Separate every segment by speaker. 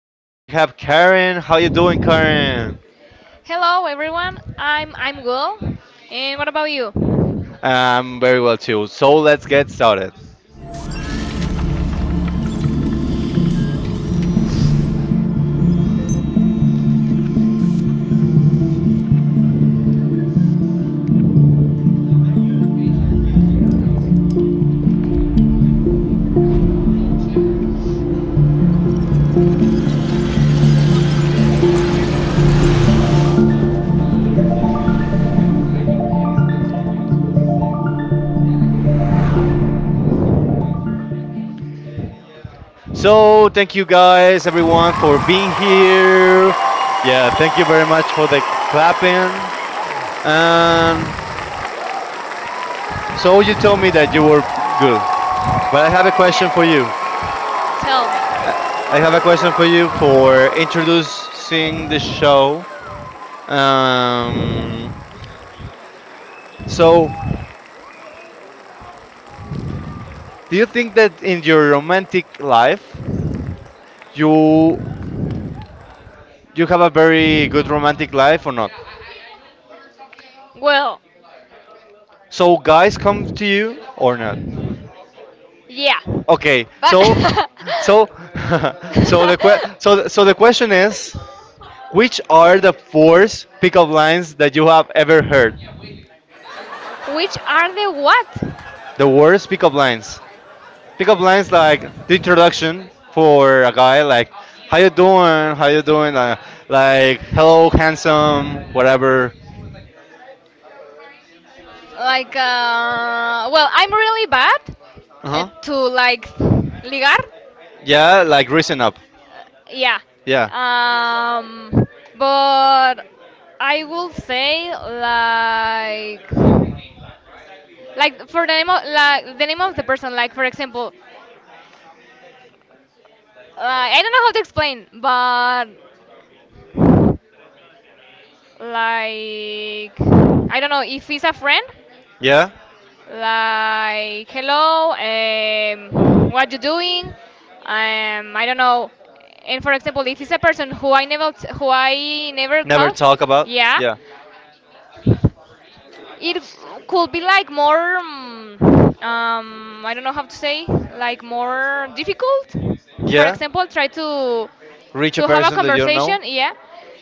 Speaker 1: here we have Karen. How you doing, Karen?
Speaker 2: Hello, everyone. I'm Will. And what about you?
Speaker 1: I'm very well too. So let's get started. So thank you guys, everyone, for being here. Yeah, thank you very much for the clapping. And so you told me that you were good, but I have a question for you.
Speaker 2: Yeah. Tell me.
Speaker 1: I I have a question for you for introducing the show. Um, so, Do you think that in your romantic life you you have a very good romantic life or not?
Speaker 2: Well,
Speaker 1: So guys come to you or not?
Speaker 2: yeah. Okay.
Speaker 1: Okay.
Speaker 2: But
Speaker 1: So so so the question is, which are the worst pickup lines that you have ever heard?
Speaker 2: which are the what?
Speaker 1: The worst pickup lines. Pickup lines like the introduction for a guy, like how you doing? How you doing? Like, hello handsome, whatever.
Speaker 2: Like, well, I'm really bad
Speaker 1: Uh-huh.
Speaker 2: to like ligar.
Speaker 1: Yeah, like reason up.
Speaker 2: Yeah.
Speaker 1: Yeah.
Speaker 2: Um, but I will say like for the name of like the name of the person, like for example, like I don't know how to explain, but like I don't know if he's a friend,
Speaker 1: Yeah.
Speaker 2: like hello, what you doing, I don't know. And for example, if it's a person who I never t- who I never
Speaker 1: Never
Speaker 2: talk,
Speaker 1: talk about.
Speaker 2: yeah,
Speaker 1: Yeah.
Speaker 2: it could be like more, I don't know how to say, like more difficult, for
Speaker 1: Yeah.
Speaker 2: example try to
Speaker 1: Reach a
Speaker 2: to have a
Speaker 1: person that you don't know.
Speaker 2: conversation, yeah.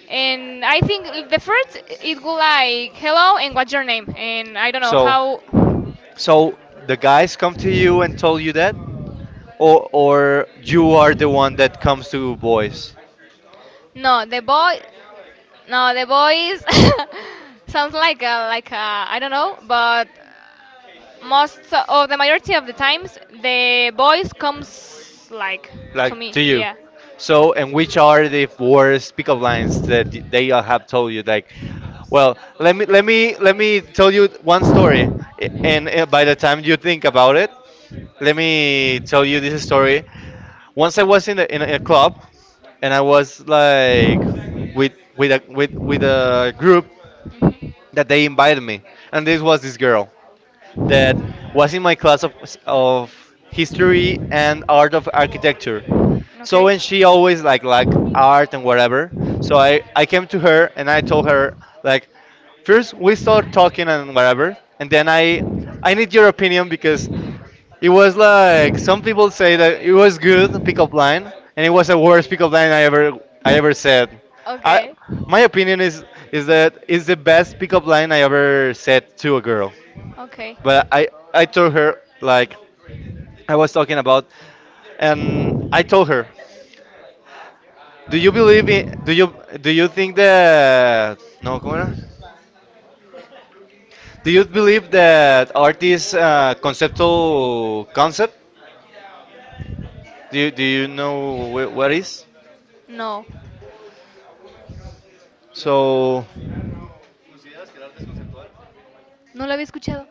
Speaker 2: And I think the first it go like hello and what's your name and I don't know
Speaker 1: So
Speaker 2: how.
Speaker 1: so the guys come to you and told you that? Or you are the one that comes to boys?
Speaker 2: No the boy no the boys. Sounds like a, I don't know, but most of the majority of the times the boys comes like to
Speaker 1: Like
Speaker 2: me,
Speaker 1: to you.
Speaker 2: yeah.
Speaker 1: So, and which are the worst pickup lines that they have told you? Like, well, let me tell you one story. And by the time you think about it, let me tell you this story. Once I was in a club, and I was like with a group
Speaker 2: Mhm.
Speaker 1: that they invited me, and this was this girl that was in my class of history and art of architecture. So, and she always like art and whatever. So I came to her and I told her like, first we started talking and whatever, and then I need your opinion, because it was like, some people say that it was good pickup line, and it was the worst pickup line I ever said. I
Speaker 2: Okay.
Speaker 1: my opinion is that it's the best pickup line I ever said to a girl.
Speaker 2: Okay.
Speaker 1: But I told her,
Speaker 2: Okay.
Speaker 1: like, I was talking about, and I told her, do you think that. No, come on. Do you believe that art is conceptual concept? Do you know what is?
Speaker 2: No,
Speaker 1: So
Speaker 2: no lo había escuchado.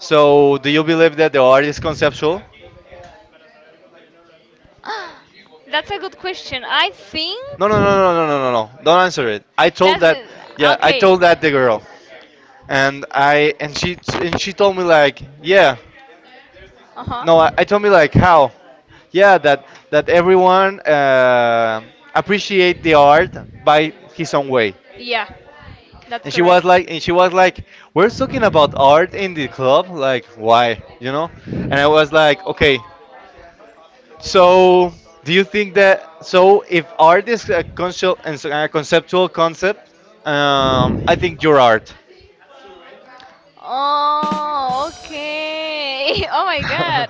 Speaker 1: So, do you believe that the art is conceptual?
Speaker 2: That's a good question. I think
Speaker 1: No, no, no, no, no, no, no, no. Don't answer it. I told that. Yeah, I
Speaker 2: okay.
Speaker 1: told that the girl, and I and she t- and she told me like, yeah.
Speaker 2: Uh huh.
Speaker 1: No, I told me like how. Yeah, that everyone appreciate the art by his own way.
Speaker 2: Yeah, that's
Speaker 1: And she was
Speaker 2: correct.
Speaker 1: like, we're talking about art in the club. Like, why? You know? And I was like, okay. So, do you think that, so if art is a conceptual concept, I think you're art.
Speaker 2: Oh, okay. Oh my God.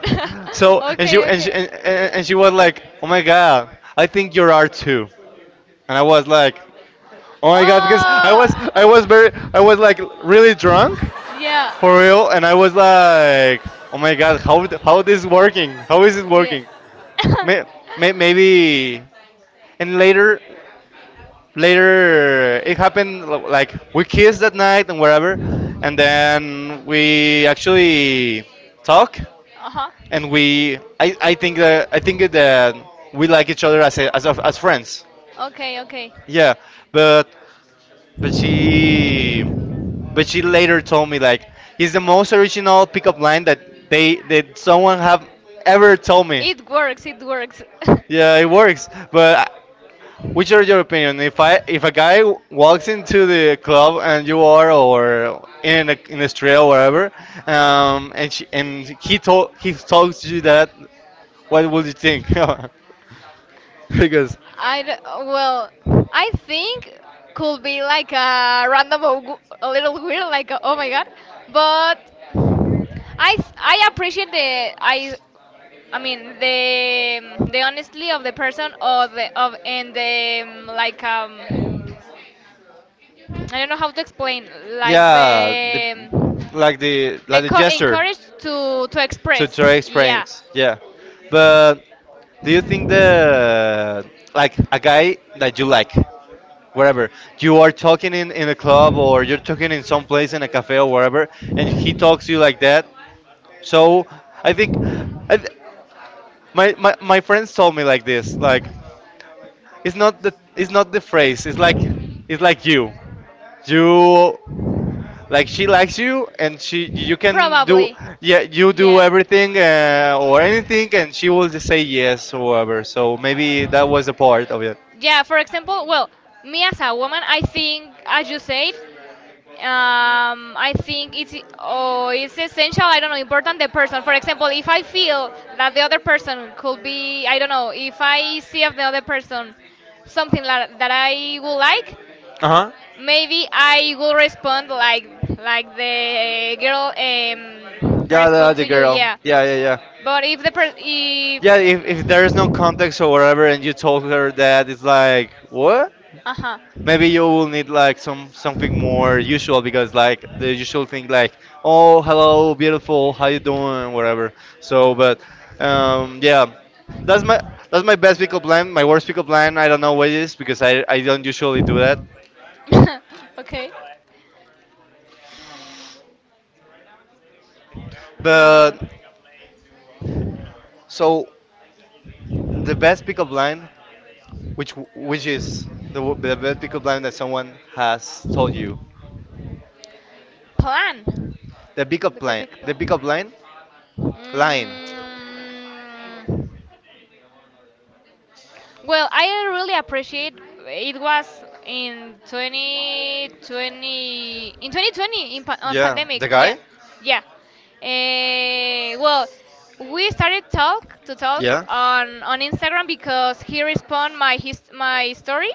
Speaker 1: So and she
Speaker 2: Okay,
Speaker 1: and she
Speaker 2: okay.
Speaker 1: and she was
Speaker 2: Like,
Speaker 1: like, "Oh my
Speaker 2: oh.
Speaker 1: god, I think
Speaker 2: Like.
Speaker 1: you're art too." And I was like, "Oh my god," because
Speaker 2: Oh,
Speaker 1: I was very, I was
Speaker 2: like
Speaker 1: like,
Speaker 2: really,
Speaker 1: really drunk for real,
Speaker 2: yeah.
Speaker 1: and I was like, "Oh my
Speaker 2: Like, oh.
Speaker 1: god, how this working? How is it
Speaker 2: Yeah.
Speaker 1: working?" May, maybe, and later it happened, like we kissed that night and wherever, and then we actually talk,
Speaker 2: Uh-huh.
Speaker 1: and I think that, we like each other as a, as, of as friends.
Speaker 2: Okay, okay.
Speaker 1: Yeah. But but she but she later told me, like, it's the most original pickup line that someone have ever told me.
Speaker 2: It works, it works.
Speaker 1: Yeah, it works. But which are your opinion? If a guy walks into the club, and you are or in Australia or wherever, and she, and he told he talks to you that, what would you think? because,
Speaker 2: Well, I think could be like a random, or a little weird, like a, oh my god. But I appreciate the I mean, the honesty of the person, or the of, and the like I don't know how to explain, like the
Speaker 1: yeah, the, like the
Speaker 2: the
Speaker 1: like the gesture,
Speaker 2: encouraged to
Speaker 1: to
Speaker 2: express.
Speaker 1: try
Speaker 2: Yeah.
Speaker 1: explains, yeah. But do you think the like a guy that you like, wherever you are talking in a club or you're talking in some place in a cafe or wherever, and he talks to you like that. So I think, I th- my friends told me like this, like, it's not the phrase. It's like you, like, she likes you, and she, you can do,
Speaker 2: Probably.
Speaker 1: yeah, you do
Speaker 2: Yeah.
Speaker 1: everything, or anything, and she will just say yes or whatever. So maybe that was a part of it.
Speaker 2: Yeah, for example, well, me as a woman, I think, as you said, I think it's, oh, it's essential, I don't know, important, the person, for example, if I feel that the other person could be, I don't know, if I see of the other person something that I would like,
Speaker 1: Uh huh.
Speaker 2: maybe I will respond like the girl,
Speaker 1: Yeah, the,
Speaker 2: respond
Speaker 1: the
Speaker 2: to you,
Speaker 1: girl.
Speaker 2: yeah.
Speaker 1: Yeah, yeah, yeah.
Speaker 2: But if if
Speaker 1: Yeah, if there is no context or whatever, and you told her that, it's like, what?
Speaker 2: uh huh.
Speaker 1: Maybe you will need like something more usual, because like the usual thing like, oh, hello beautiful, how you doing, whatever. So but, yeah, that's my best pickup line. My worst pickup line, I don't know what it is, because I don't usually do that.
Speaker 2: Okay. Problem, no
Speaker 1: But
Speaker 2: problem.
Speaker 1: so, the best pickup line, which is the best pickup line that someone has told you.
Speaker 2: Plan.
Speaker 1: The pickup
Speaker 2: The
Speaker 1: line.
Speaker 2: big
Speaker 1: The
Speaker 2: plan.
Speaker 1: pickup line. Line.
Speaker 2: Mm, well, I really appreciate, it was in 2020, in 2020, in
Speaker 1: Yeah.
Speaker 2: pandemic.
Speaker 1: The
Speaker 2: Yeah.
Speaker 1: guy?
Speaker 2: Yeah. Well, we started talk to talk
Speaker 1: Yeah.
Speaker 2: on Instagram because he respond my story,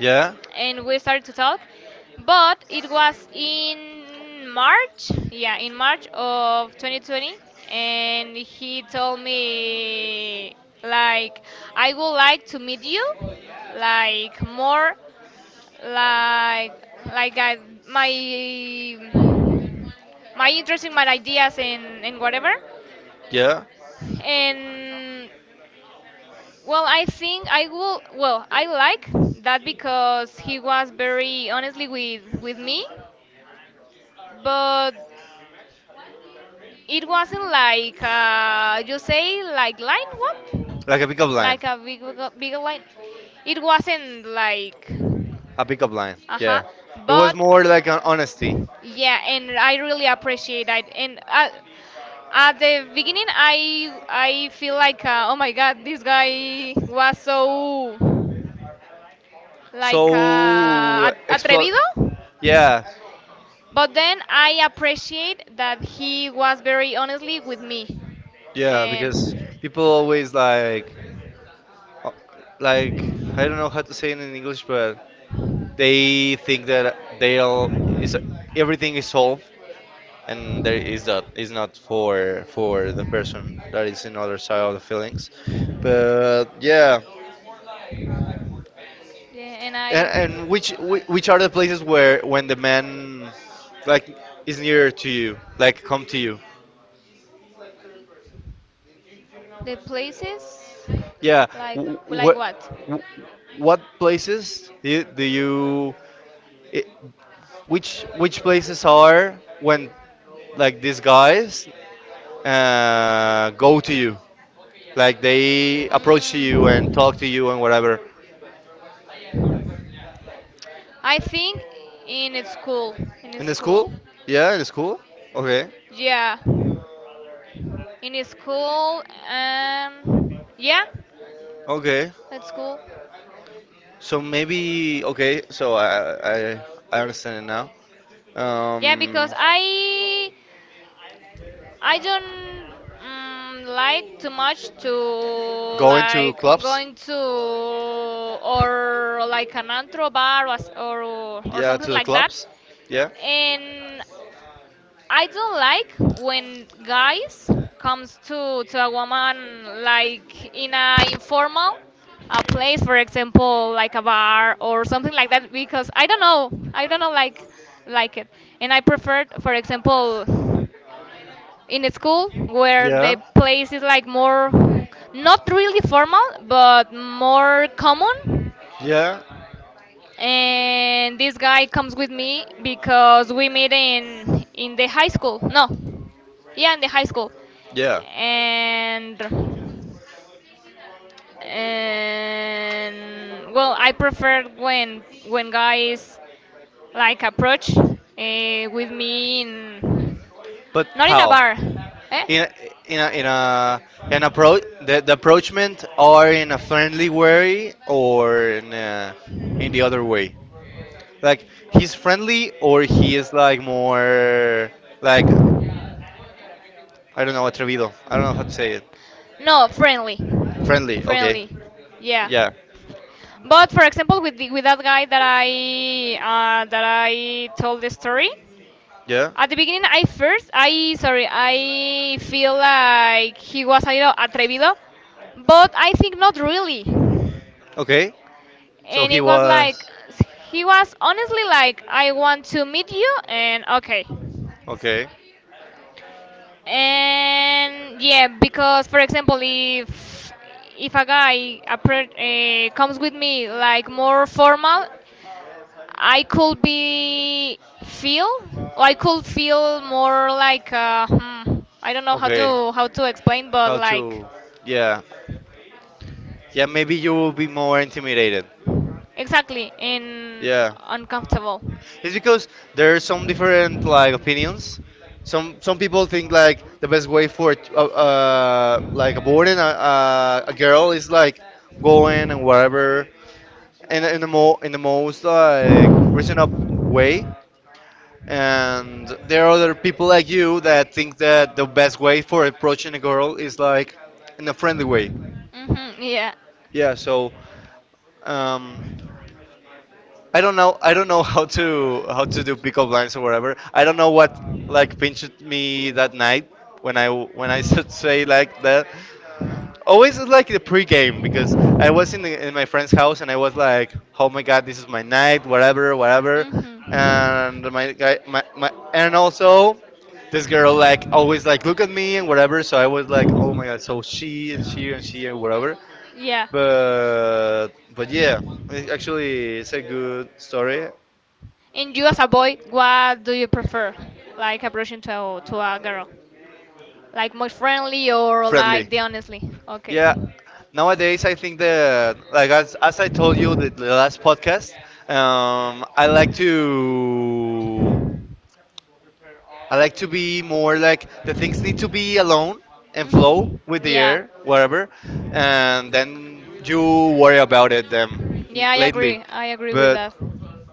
Speaker 1: Yeah.
Speaker 2: and we started to talk. But it was in March, yeah, in March of 2020, and he told me like I would like to meet you, like more, like I, my my interest in my ideas, and whatever.
Speaker 1: Yeah.
Speaker 2: And well, I think I will. Well, I like that because he was very honestly with me, but it wasn't like, you say like line what?
Speaker 1: Like a pickup line.
Speaker 2: Like a big big line. It wasn't like
Speaker 1: A pickup line.
Speaker 2: uh huh.
Speaker 1: Yeah. It
Speaker 2: But
Speaker 1: was more like an honesty.
Speaker 2: yeah, and I really appreciate that. And at the beginning, I feel like, oh my god, this guy was so like,
Speaker 1: So
Speaker 2: at-
Speaker 1: explode.
Speaker 2: atrevido
Speaker 1: Yeah.
Speaker 2: But then I appreciate that he was very honestly with me.
Speaker 1: Yeah, because
Speaker 2: And
Speaker 1: people always like uh, like, I don't know how to say it in English, but they think that they'll is everything is solved, and there is, that is not for the person that is in other side of the feelings, but yeah.
Speaker 2: yeah, and
Speaker 1: and,
Speaker 2: I.
Speaker 1: and which which are the places where, when the man, like, is nearer to you, like, come to you,
Speaker 2: The places.
Speaker 1: yeah,
Speaker 2: like like
Speaker 1: what
Speaker 2: what?
Speaker 1: what places do you I- which places are when, like, these guys go to you, like they approach to you and talk to you and whatever.
Speaker 2: I think in school, in
Speaker 1: In the
Speaker 2: school, school?
Speaker 1: school. Yeah, in the school. Okay.
Speaker 2: Yeah, in school. Yeah,
Speaker 1: Okay, so maybe, okay, so I understand it now.
Speaker 2: Yeah,
Speaker 1: um
Speaker 2: because I don't, like too much to
Speaker 1: Going to
Speaker 2: like
Speaker 1: clubs.
Speaker 2: going to or like an antro bar, or or
Speaker 1: Yeah,
Speaker 2: something
Speaker 1: to the
Speaker 2: like that.
Speaker 1: clubs. Yeah.
Speaker 2: And I don't like when guys comes to a woman like in a informal a place, for example, like a bar or something like that, because I don't know, like it. And I prefer, for example, in a school where the
Speaker 1: Yeah.
Speaker 2: place is like more, not really formal, but more common,
Speaker 1: Yeah.
Speaker 2: and this guy comes with me because we met in the high school, no, yeah, in the high school.
Speaker 1: Yeah.
Speaker 2: And and well, I prefer when guys like approach, with me in
Speaker 1: But
Speaker 2: not in a
Speaker 1: how?
Speaker 2: bar, eh.
Speaker 1: In in a an approach, the approachment, or in a friendly way or in the other way. Like, he's friendly, or he is like more like, I don't know, atrevido. I don't know how to say it.
Speaker 2: No, friendly,
Speaker 1: Friendly. Okay.
Speaker 2: friendly, yeah.
Speaker 1: Yeah.
Speaker 2: But for example, with the, with that guy that I, that I told the story
Speaker 1: Yeah.
Speaker 2: at the beginning, I first I, sorry, I feel like he was a little atrevido, but I think not really.
Speaker 1: Okay. So
Speaker 2: And
Speaker 1: he
Speaker 2: it was like
Speaker 1: was
Speaker 2: he was honestly like I want to meet you, and okay.
Speaker 1: okay.
Speaker 2: And yeah, because for example, if a guy, comes with me like more formal, i could be feel I could feel more like, I don't know how to
Speaker 1: Okay.
Speaker 2: how to explain, but
Speaker 1: How
Speaker 2: like
Speaker 1: to? Yeah. Yeah. Maybe you will be more intimidated.
Speaker 2: exactly, in
Speaker 1: Yeah.
Speaker 2: uncomfortable.
Speaker 1: It's because there are some different, like, opinions. Some people think, like, the best way for like aborting a girl is like going and whatever, in the most like reasonable way. And there are other people like you that think that the best way for approaching a girl is like in a friendly way.
Speaker 2: Yeah.
Speaker 1: Yeah. So, um, I don't know. I don't know, how to do pickle blinds or whatever. I don't know what, like, pinched me that night when I should say like that. Always it's like the pregame, because I was in my friend's house and I was like, oh my god, this is my night, whatever, whatever. And my guy, my and also this girl, like, always like look at me and whatever. So I was like, oh my god, so she and whatever,
Speaker 2: Yeah.
Speaker 1: but yeah, actually it's a good story.
Speaker 2: And you, as a boy, what do you prefer, like approaching to a girl, like more friendly or like
Speaker 1: Friendly.
Speaker 2: the honestly? Okay.
Speaker 1: Yeah. Nowadays, I think that, like, as I told you the last podcast, I like to, be more like, the things need to be alone and flow
Speaker 2: Mhm.
Speaker 1: with the
Speaker 2: Yeah.
Speaker 1: air, wherever, and then you worry about it them
Speaker 2: Yeah, I
Speaker 1: lately.
Speaker 2: agree. I agree with
Speaker 1: But
Speaker 2: that. I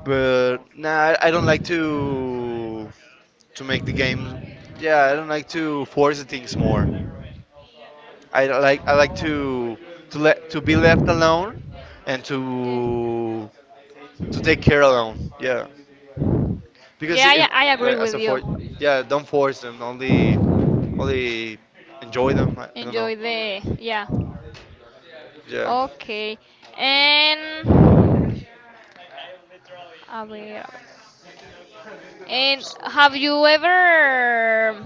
Speaker 1: but nah, I don't like to, make the game. Yeah, I don't like to force the things more. I like to, let, to be left alone, and
Speaker 2: Yeah.
Speaker 1: to take care alone. Yeah,
Speaker 2: because
Speaker 1: because
Speaker 2: yeah,
Speaker 1: if,
Speaker 2: yeah, I agree
Speaker 1: like, as
Speaker 2: with
Speaker 1: a, for,
Speaker 2: you.
Speaker 1: yeah, don't force them. Only enjoy them. I don't know.
Speaker 2: Enjoy the, yeah.
Speaker 1: Yeah,
Speaker 2: Okay. And a ver. And have you ever,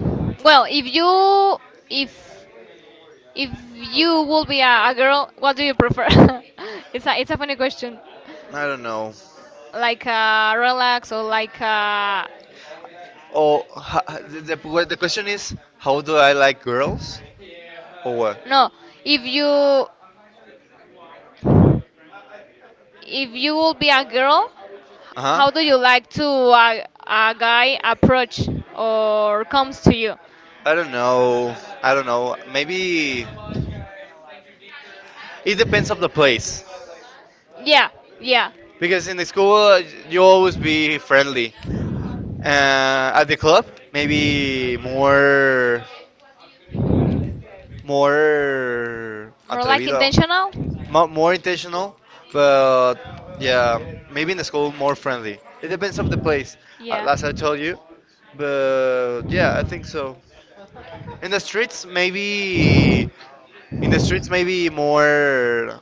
Speaker 2: well, if if you would be a girl, what do you prefer? It's a funny question.
Speaker 1: I don't know.
Speaker 2: Like a relax, or like a,
Speaker 1: Oh, the question is, how do I like girls, or what?
Speaker 2: no, if you if you will be a girl,
Speaker 1: Uh huh.
Speaker 2: how do you like to a guy approach or comes to you?
Speaker 1: I don't know. I don't know. Maybe it depends of the place.
Speaker 2: Yeah, yeah.
Speaker 1: Because in the school, you always be friendly. At the club, maybe more
Speaker 2: More like
Speaker 1: atrevido,
Speaker 2: intentional.
Speaker 1: more intentional. But yeah, maybe in the school more friendly. It depends of the place,
Speaker 2: Yeah,
Speaker 1: as I told you. But yeah, I think so. In the streets, maybe, in the streets, maybe more,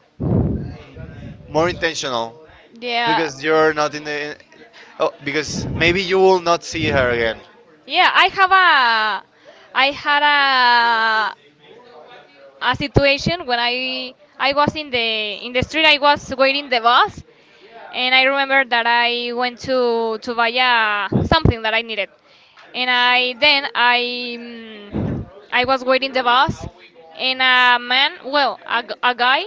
Speaker 1: more intentional,
Speaker 2: yeah,
Speaker 1: because you're not in the. Oh, because maybe you will not see her again.
Speaker 2: yeah. I had a situation when I was in the street, I was waiting the bus, and I remember that I went to buy something that I needed, and I then I mm, I was waiting the bus. And a man, well, a guy,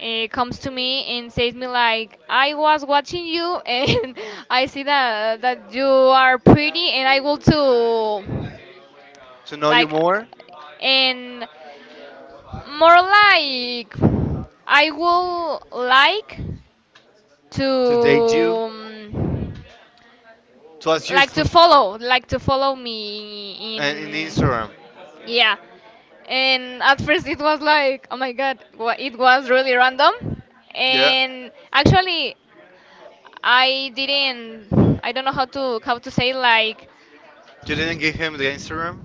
Speaker 2: Comes to me and says me like I was watching you and I see that you are pretty and I want to,
Speaker 1: To know you
Speaker 2: like,
Speaker 1: more,
Speaker 2: and more, like I will like to,
Speaker 1: to date you, to ask you
Speaker 2: like
Speaker 1: for,
Speaker 2: to follow me
Speaker 1: and in
Speaker 2: in,
Speaker 1: Instagram.
Speaker 2: yeah. And at first it was like, oh my god, it was really random,
Speaker 1: Yeah.
Speaker 2: and actually I don't know how to say, like,
Speaker 1: You didn't give him the Instagram,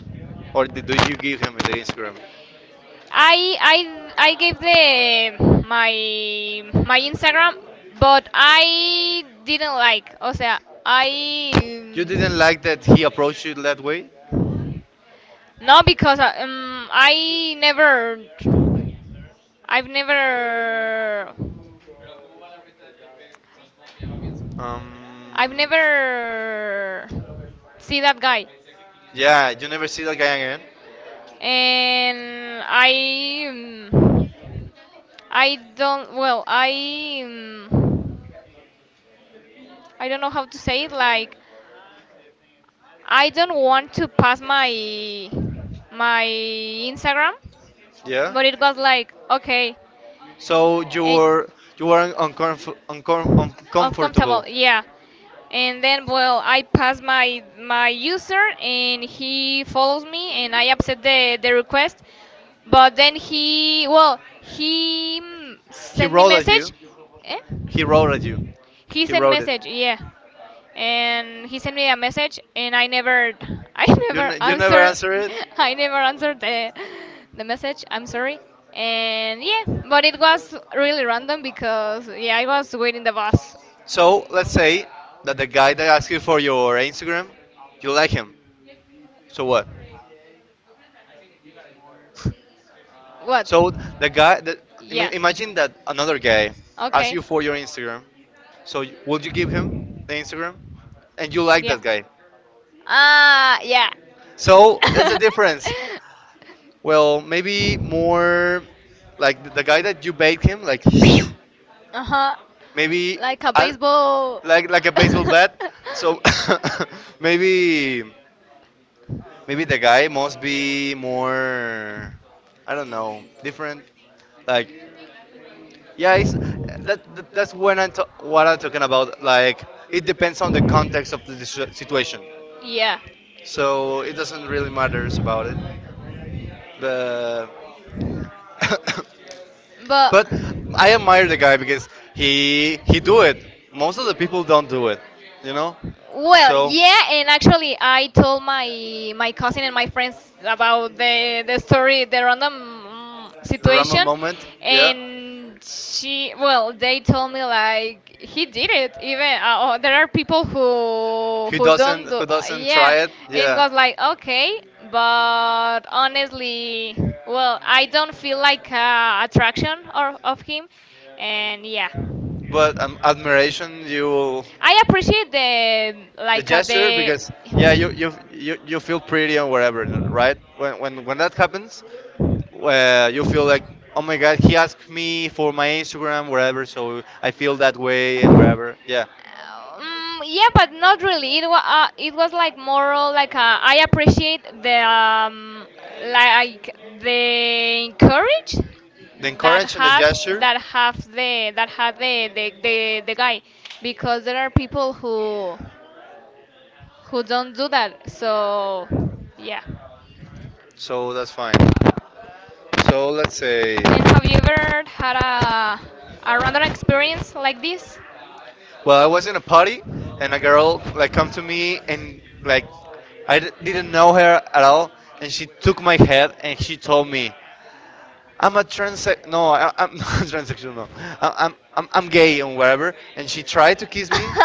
Speaker 1: or did do you give him the Instagram?
Speaker 2: I gave the my Instagram, but I didn't like, o sea, I.
Speaker 1: You didn't like that he approached you that way.
Speaker 2: No, because I never, I've never, I've
Speaker 1: Um.
Speaker 2: never see that guy,
Speaker 1: Yeah, you never see that guy again.
Speaker 2: and I don't. Well, I don't know how to say it. Like, I don't want to pass my Instagram,
Speaker 1: Yeah.
Speaker 2: but it was like okay.
Speaker 1: So
Speaker 2: And
Speaker 1: you were
Speaker 2: uncomfortable,
Speaker 1: uncomfortable.
Speaker 2: yeah. And then well, I pass my user, and he follows me, and I accept the request. But then he, well, he
Speaker 1: He
Speaker 2: sent me
Speaker 1: wrote at
Speaker 2: message,
Speaker 1: you.
Speaker 2: eh?
Speaker 1: He wrote at you.
Speaker 2: He
Speaker 1: He
Speaker 2: sent
Speaker 1: wrote it.
Speaker 2: message, yeah. And he sent me a message, and I never I never
Speaker 1: You never
Speaker 2: answered.
Speaker 1: answer it.
Speaker 2: I never answered the message, I'm sorry. And yeah, but it was really random because, yeah, I was waiting the bus.
Speaker 1: So let's say that the guy that asked you for your Instagram, you like him. So what?
Speaker 2: What?
Speaker 1: So the guy that
Speaker 2: Yeah.
Speaker 1: imagine that another guy asks
Speaker 2: Okay.
Speaker 1: you for your Instagram. So would you give him the Instagram? And you like
Speaker 2: Yeah.
Speaker 1: that guy.
Speaker 2: Ah, yeah.
Speaker 1: So that's the difference. Well, maybe more like the guy that you bait him, like
Speaker 2: Uh-huh. Like
Speaker 1: maybe
Speaker 2: like a
Speaker 1: I,
Speaker 2: baseball.
Speaker 1: like a baseball bat. So maybe maybe the guy must be more, I don't know, different. Like yeah, it's that that's when what I'm talking about. Like it depends on the context of the situation.
Speaker 2: Yeah.
Speaker 1: So it doesn't really matters about it, but.
Speaker 2: But.
Speaker 1: But I admire the guy because he do it. Most of the people don't do it, you know.
Speaker 2: Well,
Speaker 1: So
Speaker 2: yeah, and actually, I told my cousin and my friends about the story, the random,
Speaker 1: the Rama
Speaker 2: situation,
Speaker 1: moment, yeah.
Speaker 2: and she, well, they told me like he did it, even, oh, there are people who who don't do,
Speaker 1: Who doesn't
Speaker 2: yeah,
Speaker 1: try it?
Speaker 2: and it
Speaker 1: Yeah.
Speaker 2: was like okay, but honestly, well, I don't feel like, attraction or of him, and yeah.
Speaker 1: But admiration, you
Speaker 2: I appreciate the,
Speaker 1: the
Speaker 2: like,
Speaker 1: gesture because yeah you feel pretty and whatever, right? When that happens, you feel like, oh my god, he asked me for my Instagram
Speaker 2: the,
Speaker 1: whatever, so I feel that way and
Speaker 2: um,
Speaker 1: whatever, yeah,
Speaker 2: yeah, but not really. It was, it was like moral. Like, I appreciate the, like the courage
Speaker 1: the
Speaker 2: that
Speaker 1: encourage and the
Speaker 2: has,
Speaker 1: gesture,
Speaker 2: that have the that had the guy, because there are people who don't do that. So yeah.
Speaker 1: so that's fine. So let's say,
Speaker 2: And have you ever had a random experience like this?
Speaker 1: well, I was in a party, and a girl like come to me and like didn't know her at all, and she took my head and she told me, "I'm a trans, no, I'm not transsexual, no, I'm gay and whatever." And she tried to kiss me,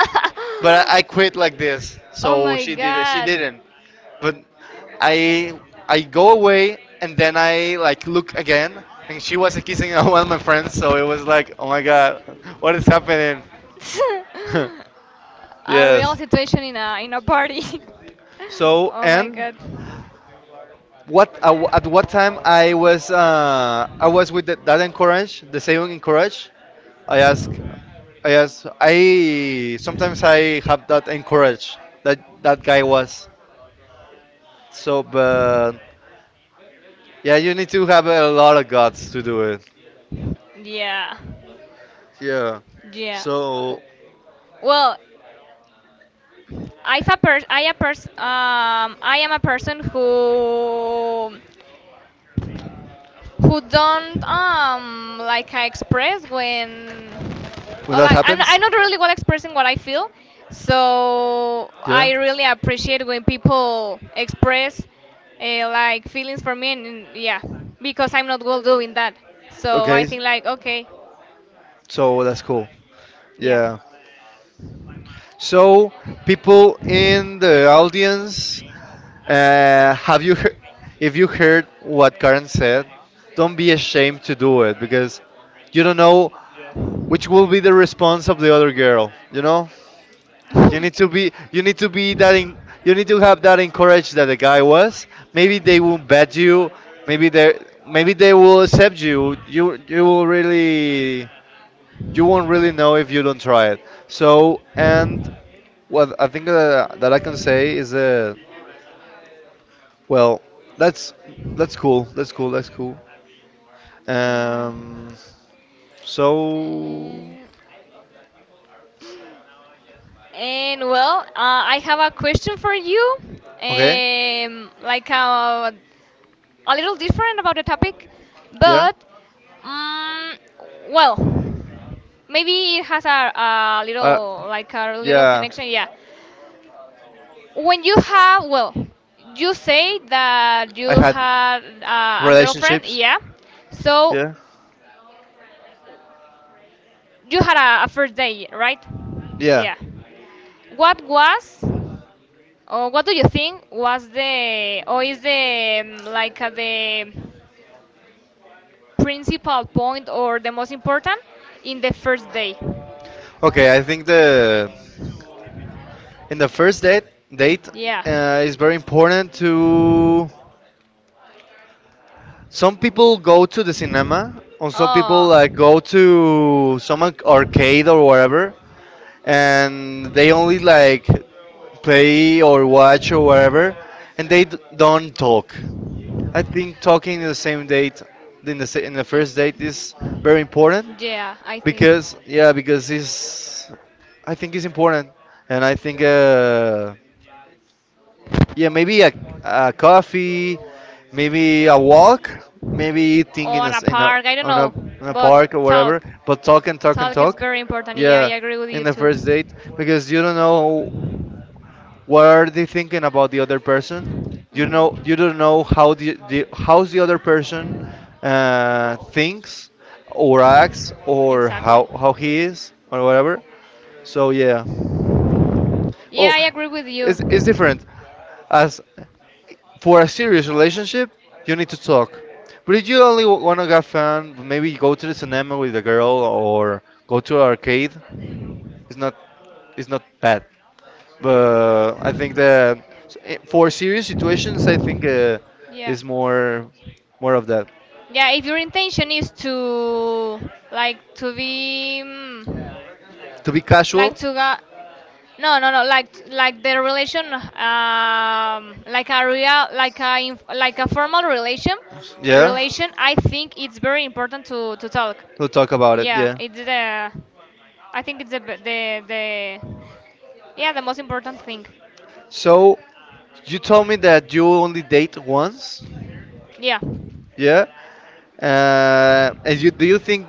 Speaker 1: but I
Speaker 2: Oh
Speaker 1: quit like this, so
Speaker 2: my
Speaker 1: she
Speaker 2: god.
Speaker 1: didn't. But I I go away and then I like look again, and she was kissing one of my friends, so it was like, "Oh my God, what is happening?"
Speaker 2: A real
Speaker 1: Yes.
Speaker 2: situation in a, in a party.
Speaker 1: So
Speaker 2: Oh my
Speaker 1: and
Speaker 2: god.
Speaker 1: what at what time I was with the, that encourage, the same encourage. I ask I sometimes I have that encourage that that guy was. So but yeah, you need to have a lot of guts to do it.
Speaker 2: Yeah.
Speaker 1: Yeah.
Speaker 2: Yeah. W-
Speaker 1: So
Speaker 2: Well, I am a person who don't like, I express when
Speaker 1: when
Speaker 2: or
Speaker 1: that
Speaker 2: like,
Speaker 1: happens,
Speaker 2: I'm not really well expressing what I feel, so
Speaker 1: yeah.
Speaker 2: I really appreciate when people express like feelings for me, and yeah, because I'm not well doing that, so I
Speaker 1: Okay.
Speaker 2: think like okay.
Speaker 1: So that's cool.
Speaker 2: Yeah.
Speaker 1: Yeah. So, people in the audience, have you, if you heard what Karen said, don't be ashamed to do it because you don't know which will be the response of the other girl. You know, you need to be that in, you need to have that encourage that the guy was. Maybe they will bet you. Maybe they, maybe they will accept you. You will really, you won't really know if you don't try it. So, and what I think that I can say is well, that's that's cool. That's cool. That's cool.
Speaker 2: yeah
Speaker 1: Um. So
Speaker 2: and, and well, I have a question for you,
Speaker 1: okay.
Speaker 2: like a little different about the topic,
Speaker 1: Yeah.
Speaker 2: but Mm, well, maybe it has a
Speaker 1: Uh.
Speaker 2: little, like a little
Speaker 1: Yeah.
Speaker 2: connection. Yeah, when you have, well, you say that
Speaker 1: I
Speaker 2: you
Speaker 1: had
Speaker 2: had a girlfriend.
Speaker 1: relationships.
Speaker 2: Yeah, so
Speaker 1: Yeah.
Speaker 2: you had a first date, right?
Speaker 1: Yeah.
Speaker 2: Yeah. What was or what do you think was the or is the, like, the principal point or the most important in the first day?
Speaker 1: Okay. I think the in the first date date
Speaker 2: Yeah.
Speaker 1: is very important to. Some people go to the cinema, and some people
Speaker 2: Oh.
Speaker 1: like go to some arcade or whatever, and they only like play or watch or whatever, and they don't talk. I think talking in the same date, in the in the first date, is very important
Speaker 2: Yeah, I think.
Speaker 1: because yeah, because it's, I think it's important, and I think yeah, maybe a coffee, maybe a walk, maybe eating in a,
Speaker 2: On a
Speaker 1: s- in a
Speaker 2: park, I don't
Speaker 1: on a
Speaker 2: know,
Speaker 1: in a park or
Speaker 2: but
Speaker 1: whatever,
Speaker 2: talk.
Speaker 1: but talk and talk and
Speaker 2: Talk is
Speaker 1: talk,
Speaker 2: very important. Yeah, I
Speaker 1: yeah,
Speaker 2: agree with
Speaker 1: in
Speaker 2: you
Speaker 1: the
Speaker 2: too.
Speaker 1: first date because you don't know what are they thinking about the other person, you know, you
Speaker 2: Hmm.
Speaker 1: don't know how the how's the other person thinks or acts or
Speaker 2: Exactly.
Speaker 1: how he is or whatever, so yeah, oh
Speaker 2: Yeah, I agree with you.
Speaker 1: it's different as for a serious relationship, you need to talk, but if you only want to have fun, maybe go to the cinema with a girl or go to an arcade, it's not, it's not bad, but I think that, for serious situations, I think
Speaker 2: Yeah.
Speaker 1: is more, more of that.
Speaker 2: Yeah, if your intention is to like to be,
Speaker 1: To be
Speaker 2: like
Speaker 1: casual,
Speaker 2: to go, no, no, no, like like the relation, like a real, like a, like a formal relation
Speaker 1: yeah.
Speaker 2: relation, I think it's very important to talk,
Speaker 1: We'll talk about it,
Speaker 2: yeah.
Speaker 1: yeah.
Speaker 2: It's the, I think it's the, the, yeah, the most important thing.
Speaker 1: So you told me that you only date once,
Speaker 2: Yeah,
Speaker 1: yeah. And you do you think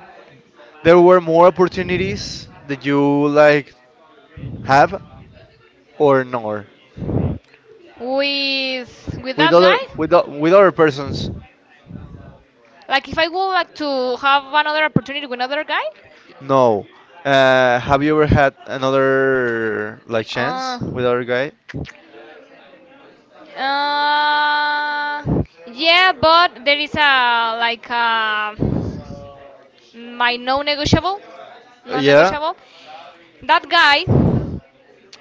Speaker 1: there were more opportunities that you like have or no?
Speaker 2: with with
Speaker 1: With
Speaker 2: that
Speaker 1: other
Speaker 2: guy.
Speaker 1: with with other persons,
Speaker 2: Like if I would like to have another opportunity with another guy.
Speaker 1: no. Have you ever had another like
Speaker 2: uh
Speaker 1: chance with other guy?
Speaker 2: Uh, yeah, but there is a like a, my non-negotiable,
Speaker 1: Yeah.
Speaker 2: non-negotiable. That guy,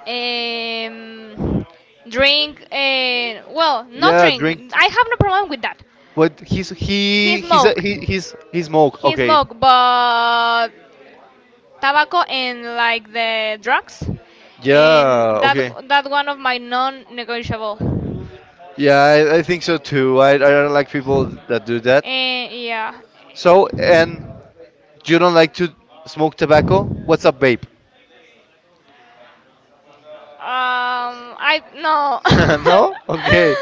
Speaker 2: um, drink. Well, not
Speaker 1: Yeah,
Speaker 2: drink.
Speaker 1: drink.
Speaker 2: I have no problem with that.
Speaker 1: But
Speaker 2: He
Speaker 1: he's a,
Speaker 2: smoke.
Speaker 1: he he's he smoke.
Speaker 2: He
Speaker 1: Okay.
Speaker 2: smoke, but tobacco, and like the drugs, and
Speaker 1: Yeah.
Speaker 2: that,
Speaker 1: Okay.
Speaker 2: one of my non-negotiable.
Speaker 1: Yeah, I think so too. I don't like people that do that.
Speaker 2: And yeah,
Speaker 1: So and you don't like to smoke tobacco? What's up, babe?
Speaker 2: I no.
Speaker 1: No? Okay.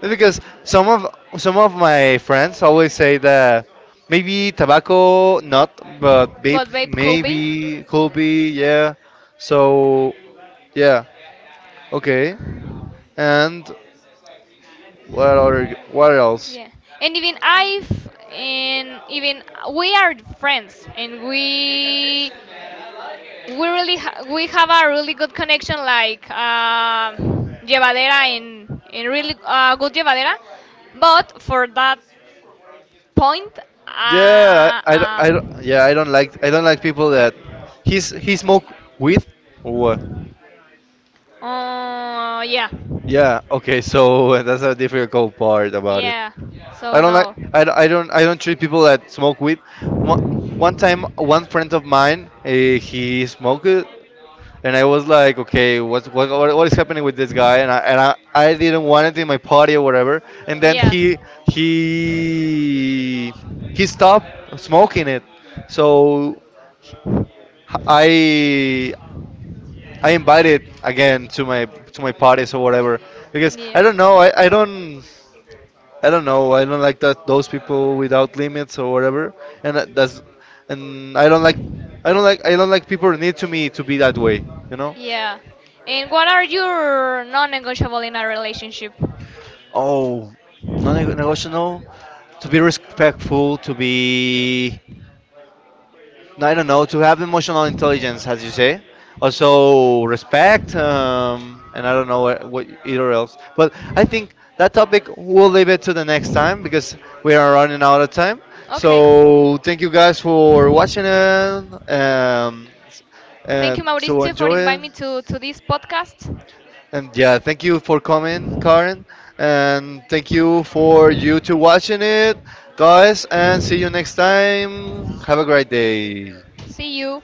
Speaker 1: Because some of my friends always say that maybe tobacco not, but vape
Speaker 2: But vape could be.
Speaker 1: maybe could be. Yeah. So yeah. Okay. And what other, what else?
Speaker 2: Yeah, and even I've, and even we are friends, and we really we have a really good connection, like, llevadera, and really good llevadera. But for that point,
Speaker 1: Yeah,
Speaker 2: uh, uh,
Speaker 1: I don't- yeah, I don't like people that he smoke weed or what?
Speaker 2: yeah,
Speaker 1: Yeah, okay, so that's a difficult part about it.
Speaker 2: yeah, so
Speaker 1: I don't like
Speaker 2: no,
Speaker 1: I don't treat people that smoke weed. One, one time, one friend of mine, he smoked it, and I was like, okay, what is happening with this guy? And I didn't want it in my party or whatever. And then
Speaker 2: yeah,
Speaker 1: he he stopped smoking it. So I I invited again to my parties or whatever because I
Speaker 2: yeah.
Speaker 1: don't know, I don't, I don't know, I don't like that those people without limits or whatever, and that's, and I don't like, I don't like people need to me to be that way, you know.
Speaker 2: Yeah. And what are your non-negotiable in a relationship?
Speaker 1: Oh, non-negotiable. To be respectful, to be, I don't know, to have emotional intelligence, as you say. Also, respect, and I don't know what either else. But I think that topic we'll leave it to the next time because we are running out of time.
Speaker 2: Okay.
Speaker 1: So thank you guys for watching it,
Speaker 2: Thank you,
Speaker 1: and so
Speaker 2: Mauricio, for
Speaker 1: enjoy
Speaker 2: inviting
Speaker 1: it.
Speaker 2: me to this podcast.
Speaker 1: And yeah, thank you for coming, Karen, and thank you for you to watching it, guys. And see you next time. Have a great day.
Speaker 2: See you.